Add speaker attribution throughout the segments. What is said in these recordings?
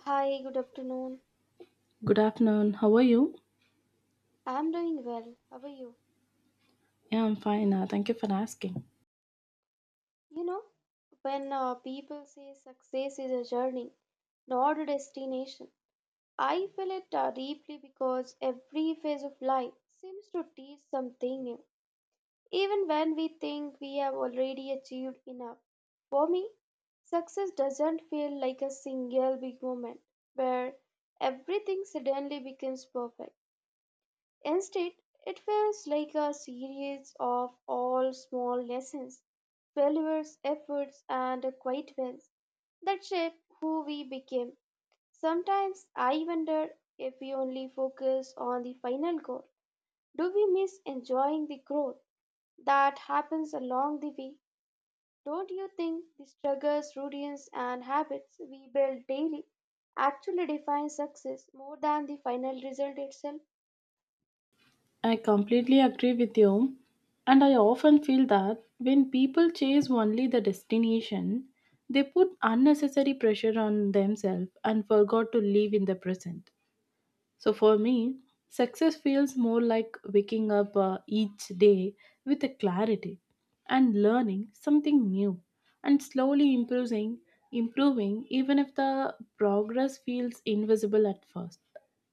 Speaker 1: Hi, good afternoon.
Speaker 2: Good afternoon. How are you?
Speaker 1: I'm doing well. How are you?
Speaker 2: Yeah, I'm fine. Thank you for asking.
Speaker 1: You know, when people say success is a journey, not a destination, I feel it deeply because every phase of life seems to teach something new, even when we think we have already achieved enough. For me, success doesn't feel like a single big moment where everything suddenly becomes perfect. Instead, it feels like a series of all small lessons, failures, efforts, and quiet wins that shape who we became. Sometimes I wonder if we only focus on the final goal. Do we miss enjoying the growth that happens along the way? Don't you think the struggles, routines, and habits we build daily actually define success more than the final result itself?
Speaker 2: I completely agree with you. And I often feel that when people chase only the destination, they put unnecessary pressure on themselves and forgot to live in the present. So for me, success feels more like waking up each day with a clarity and learning something new and slowly improving even if the progress feels invisible at first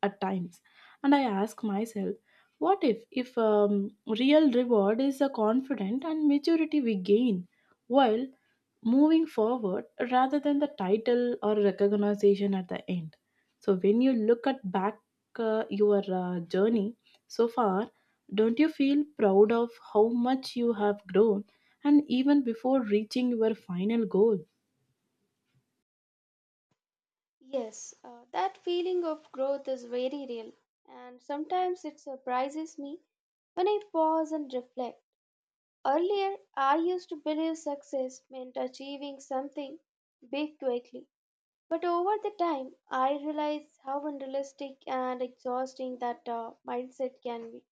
Speaker 2: at times. And I ask myself, what if real reward is the confidence and maturity we gain while moving forward rather than the title or recognition at the end. So when you look at back your journey so far, don't you feel proud of how much you have grown and even before reaching your final goal?
Speaker 1: Yes, that feeling of growth is very real, and sometimes it surprises me when I pause and reflect. Earlier, I used to believe success meant achieving something big quickly, but over the time, I realized how unrealistic and exhausting that mindset can be.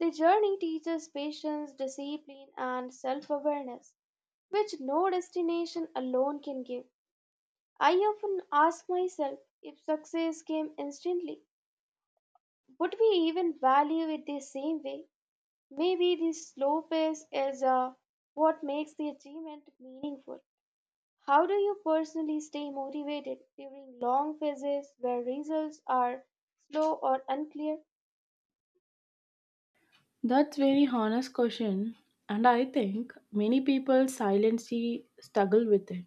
Speaker 1: The journey teaches patience, discipline, and self awareness, which no destination alone can give. I often ask myself, if success came instantly, would we even value it the same way? Maybe the slow pace is what makes the achievement meaningful. How do you personally stay motivated during long phases where results are slow or unclear?
Speaker 2: That's very honest question and I think many people silently struggle with it.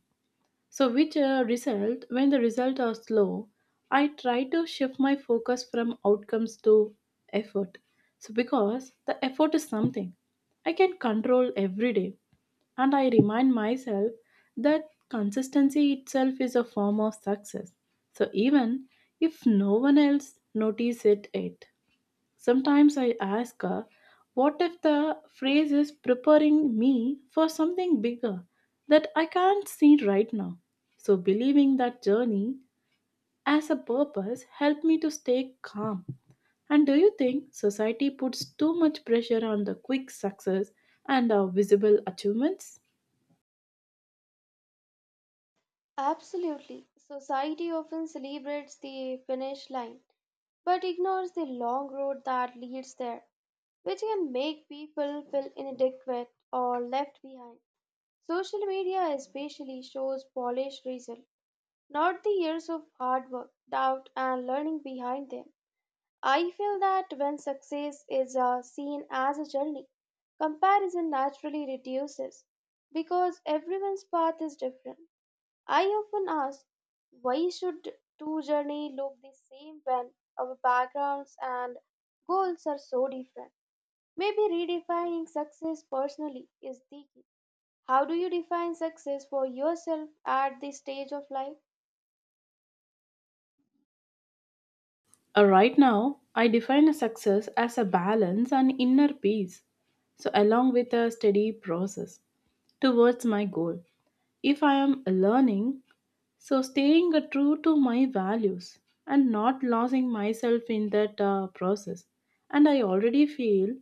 Speaker 2: So which result, when the results are slow, I try to shift my focus from outcomes to effort. So because the effort is something I can control every day, and I remind myself that consistency itself is a form of success. So even if no one else notices it. Sometimes I ask her, what if the phrase is preparing me for something bigger that I can't see right now? So believing that journey as a purpose helped me to stay calm. And do you think society puts too much pressure on the quick success and our visible achievements?
Speaker 1: Absolutely. Society often celebrates the finish line but ignores the long road that leads there, which can make people feel inadequate or left behind. Social media especially shows polished results, not the years of hard work, doubt, and learning behind them. I feel that when success is seen as a journey, comparison naturally reduces because everyone's path is different. I often ask, why should two journeys look the same when our backgrounds and goals are so different? Maybe redefining success personally is the key. How do you define success for yourself at this stage of life?
Speaker 2: Right now, I define a success as a balance and inner peace. So, along with a steady process towards my goal. If I am learning, so staying true to my values and not losing myself in that process. And I already feel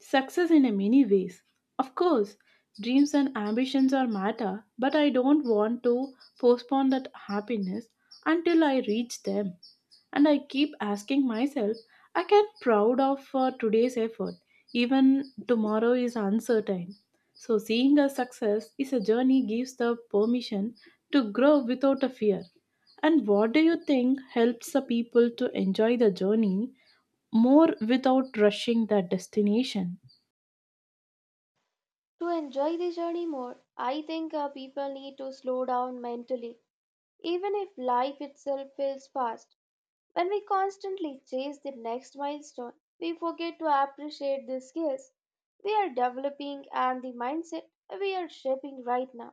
Speaker 2: success in a many ways. Of course, dreams and ambitions are matter, but I don't want to postpone that happiness until I reach them. And I keep asking myself, I can proud of today's effort, even tomorrow is uncertain. So seeing a success is a journey gives the permission to grow without a fear. And what do you think helps the people to enjoy the journey more without rushing their destination?
Speaker 1: To enjoy the journey more, I think people need to slow down mentally, even if life itself feels fast. When we constantly chase the next milestone, we forget to appreciate the skills we are developing and the mindset we are shaping right now.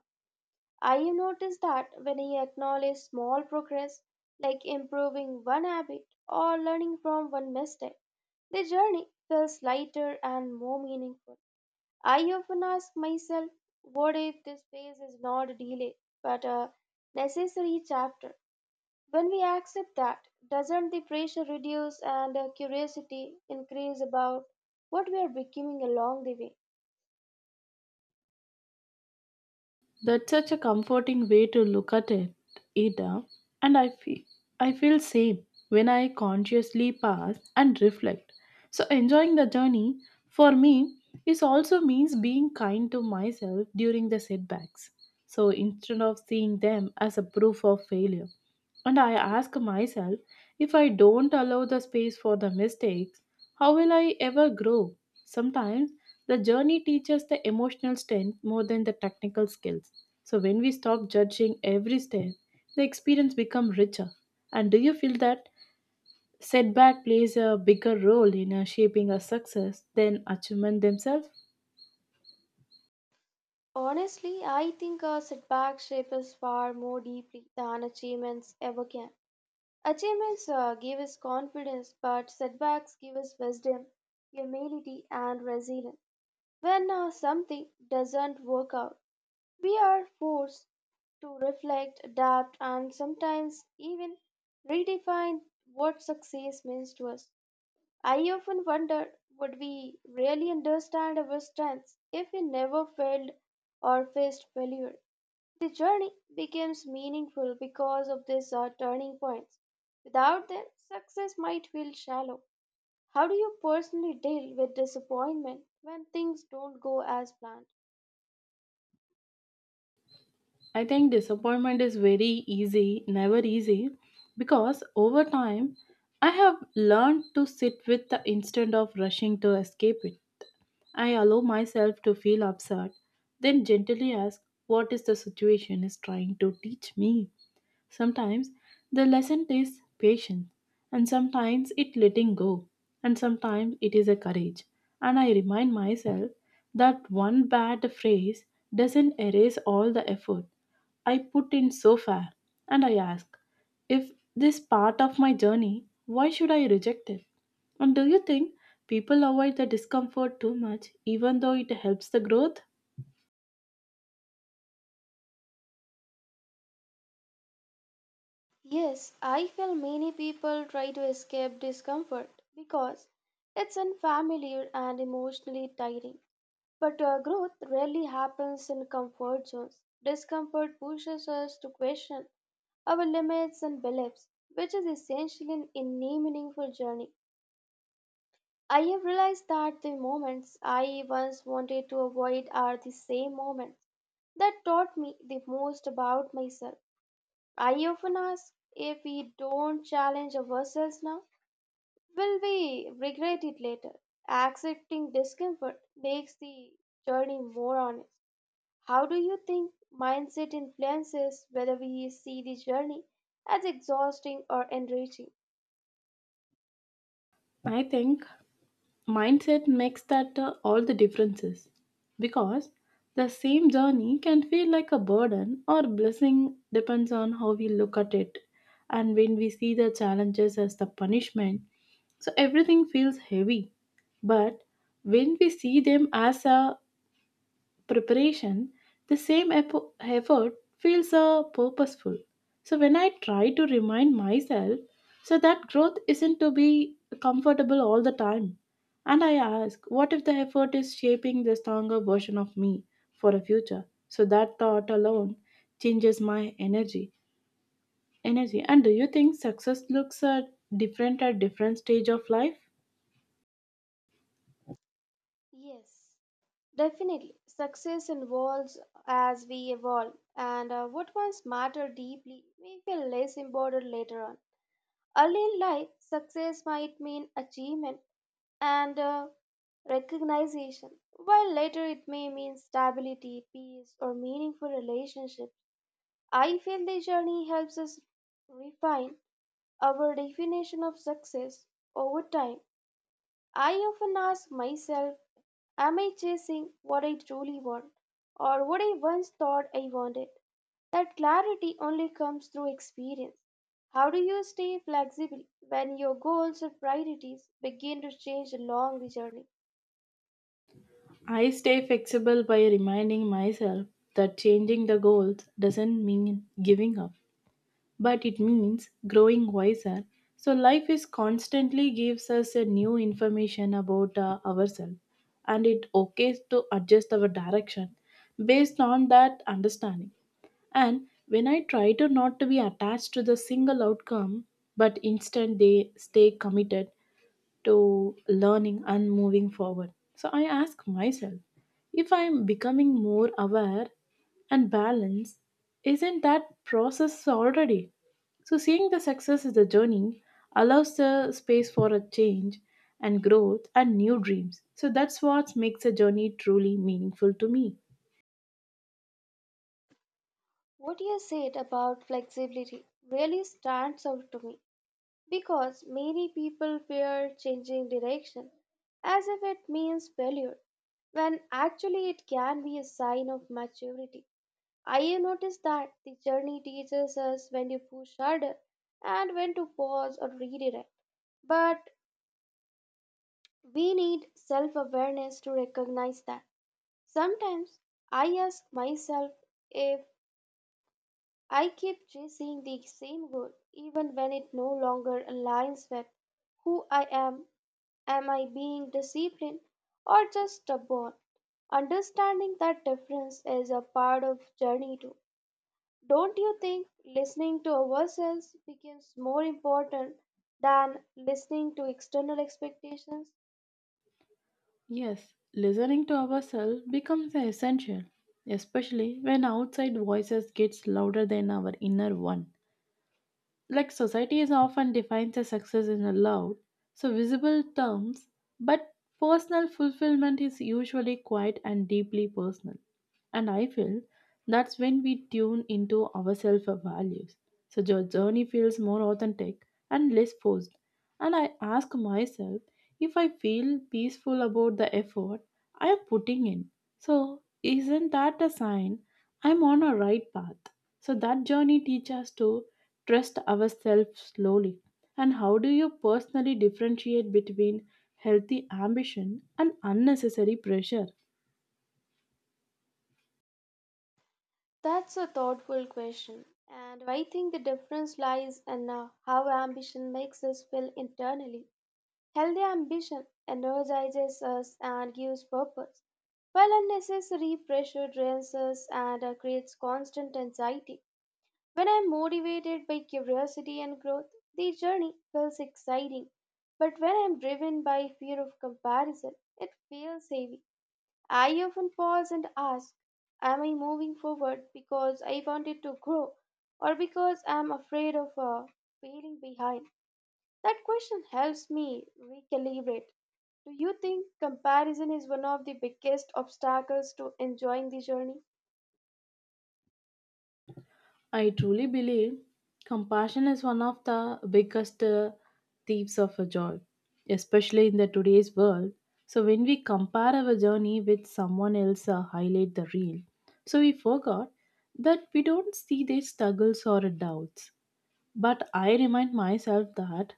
Speaker 1: I have noticed that when I acknowledge small progress, like improving one habit or learning from one mistake, the journey feels lighter and more meaningful. I often ask myself, what if this phase is not a delay, but a necessary chapter? When we accept that, doesn't the pressure reduce and curiosity increase about what we are becoming along the way?
Speaker 2: That's such a comforting way to look at it, Ida. And I feel same when I consciously pause and reflect. So enjoying the journey for me is also means being kind to myself during the setbacks. So instead of seeing them as a proof of failure. And I ask myself, if I don't allow the space for the mistakes, how will I ever grow? Sometimes the journey teaches the emotional strength more than the technical skills. So when we stop judging every step, the experience becomes richer. And do you feel that setback plays a bigger role in shaping our success than achievement themselves?
Speaker 1: Honestly, I think a setback shape us far more deeply than achievements ever can. Achievements give us confidence, but setbacks give us wisdom, humility, and resilience. When something doesn't work out, we are forced to reflect, adapt, and sometimes even redefine what success means to us. I often wonder, would we really understand our strengths if we never failed or faced failure? The journey becomes meaningful because of these turning points. Without them, success might feel shallow. How do you personally deal with disappointment when things don't go as planned?
Speaker 2: I think disappointment is very easy, never easy, because over time I have learned to sit with the instead of rushing to escape it. I allow myself to feel upset, then gently ask what is the situation is trying to teach me. Sometimes the lesson is patience, and sometimes it letting go, and sometimes it is a courage. And I remind myself that one bad phrase doesn't erase all the effort I put in so far. And I ask, if this part of my journey, why should I reject it? And do you think people avoid the discomfort too much, even though it helps the growth?
Speaker 1: Yes, I feel many people try to escape discomfort because it's unfamiliar and emotionally tiring. But growth rarely happens in comfort zones. Discomfort pushes us to question our limits and beliefs, which is essential in any meaningful journey. I have realized that the moments I once wanted to avoid are the same moments that taught me the most about myself. I often ask, if we don't challenge ourselves now, will we regret it later? Accepting discomfort makes the journey more honest. How do you think mindset influences whether we see the journey as exhausting or enriching?
Speaker 2: I think mindset makes that all the differences because the same journey can feel like a burden or blessing depends on how we look at it. And when we see the challenges as the punishment, so everything feels heavy, but when we see them as a preparation, the same effort feels purposeful. So when I try to remind myself, so that growth isn't to be comfortable all the time. And I ask, what if the effort is shaping the stronger version of me for a future? So that thought alone changes my energy. Energy. And do you think success looks different at different stage of life?
Speaker 1: Yes, definitely. Success evolves as we evolve, and what once mattered deeply may feel less important later on. Early in life, success might mean achievement and recognition, while later it may mean stability, peace, or meaningful relationships. I feel this journey helps us refine our definition of success over time. I often ask myself, am I chasing what I truly want or what I once thought I wanted? That clarity only comes through experience. How do you stay flexible when your goals or priorities begin to change along the journey?
Speaker 2: I stay flexible by reminding myself that changing the goals doesn't mean giving up, but it means growing wiser. So life is constantly gives us a new information about ourselves, and it okay to adjust our direction based on that understanding. And when I try to not to be attached to the single outcome but instead they stay committed to learning and moving forward. So I ask myself, if I'm becoming more aware and balanced, isn't that process already? So seeing the success as a journey allows the space for a change and growth and new dreams. So that's what makes a journey truly meaningful to me.
Speaker 1: What you said about flexibility really stands out to me because many people fear changing direction as if it means failure, when actually it can be a sign of maturity. I noticed that the journey teaches us when to push harder and when to pause or redirect. But we need self awareness to recognize that. Sometimes I ask myself, if I keep chasing the same goal even when it no longer aligns with who I am I being disciplined or just stubborn? Understanding that difference is a part of journey too. Don't you think listening to ourselves becomes more important than listening to external expectations?
Speaker 2: Yes, listening to ourselves becomes essential, especially when outside voices gets louder than our inner one. Like society is often defines a success in a loud so visible terms, but personal fulfillment is usually quiet and deeply personal. And I feel that's when we tune into ourselves our values, so your journey feels more authentic and less forced. And I ask myself if I feel peaceful about the effort I am putting in. So, isn't that a sign I'm on a right path? So, that journey teaches us to trust ourselves slowly. And how do you personally differentiate between healthy ambition and unnecessary pressure?
Speaker 1: That's a thoughtful question, and I think the difference lies in how ambition makes us feel internally. Healthy ambition energizes us and gives purpose, while unnecessary pressure drains us and creates constant anxiety. When I'm motivated by curiosity and growth, the journey feels exciting. But when I'm driven by fear of comparison, it feels heavy. I often pause and ask, am I moving forward because I wanted to grow or because I'm afraid of failing behind? That question helps me recalibrate. Do you think comparison is one of the biggest obstacles to enjoying the journey?
Speaker 2: I truly believe compassion is one of the biggest thieves of a joy, especially in the today's world. So when we compare our journey with someone else, highlight the real. So we forgot that we don't see their struggles or doubts. But I remind myself that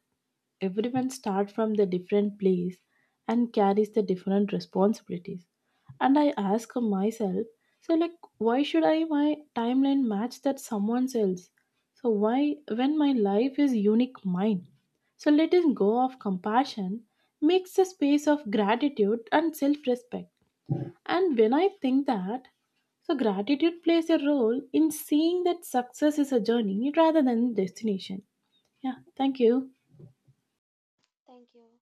Speaker 2: everyone starts from the different place and carries the different responsibilities. And I ask myself, so like, why should I my timeline match that someone else, so why, when my life is unique mine. So letting go of compassion makes a space of gratitude and self-respect. And when I think that, so gratitude plays a role in seeing that success is a journey rather than destination. Yeah, thank you.
Speaker 1: Thank you.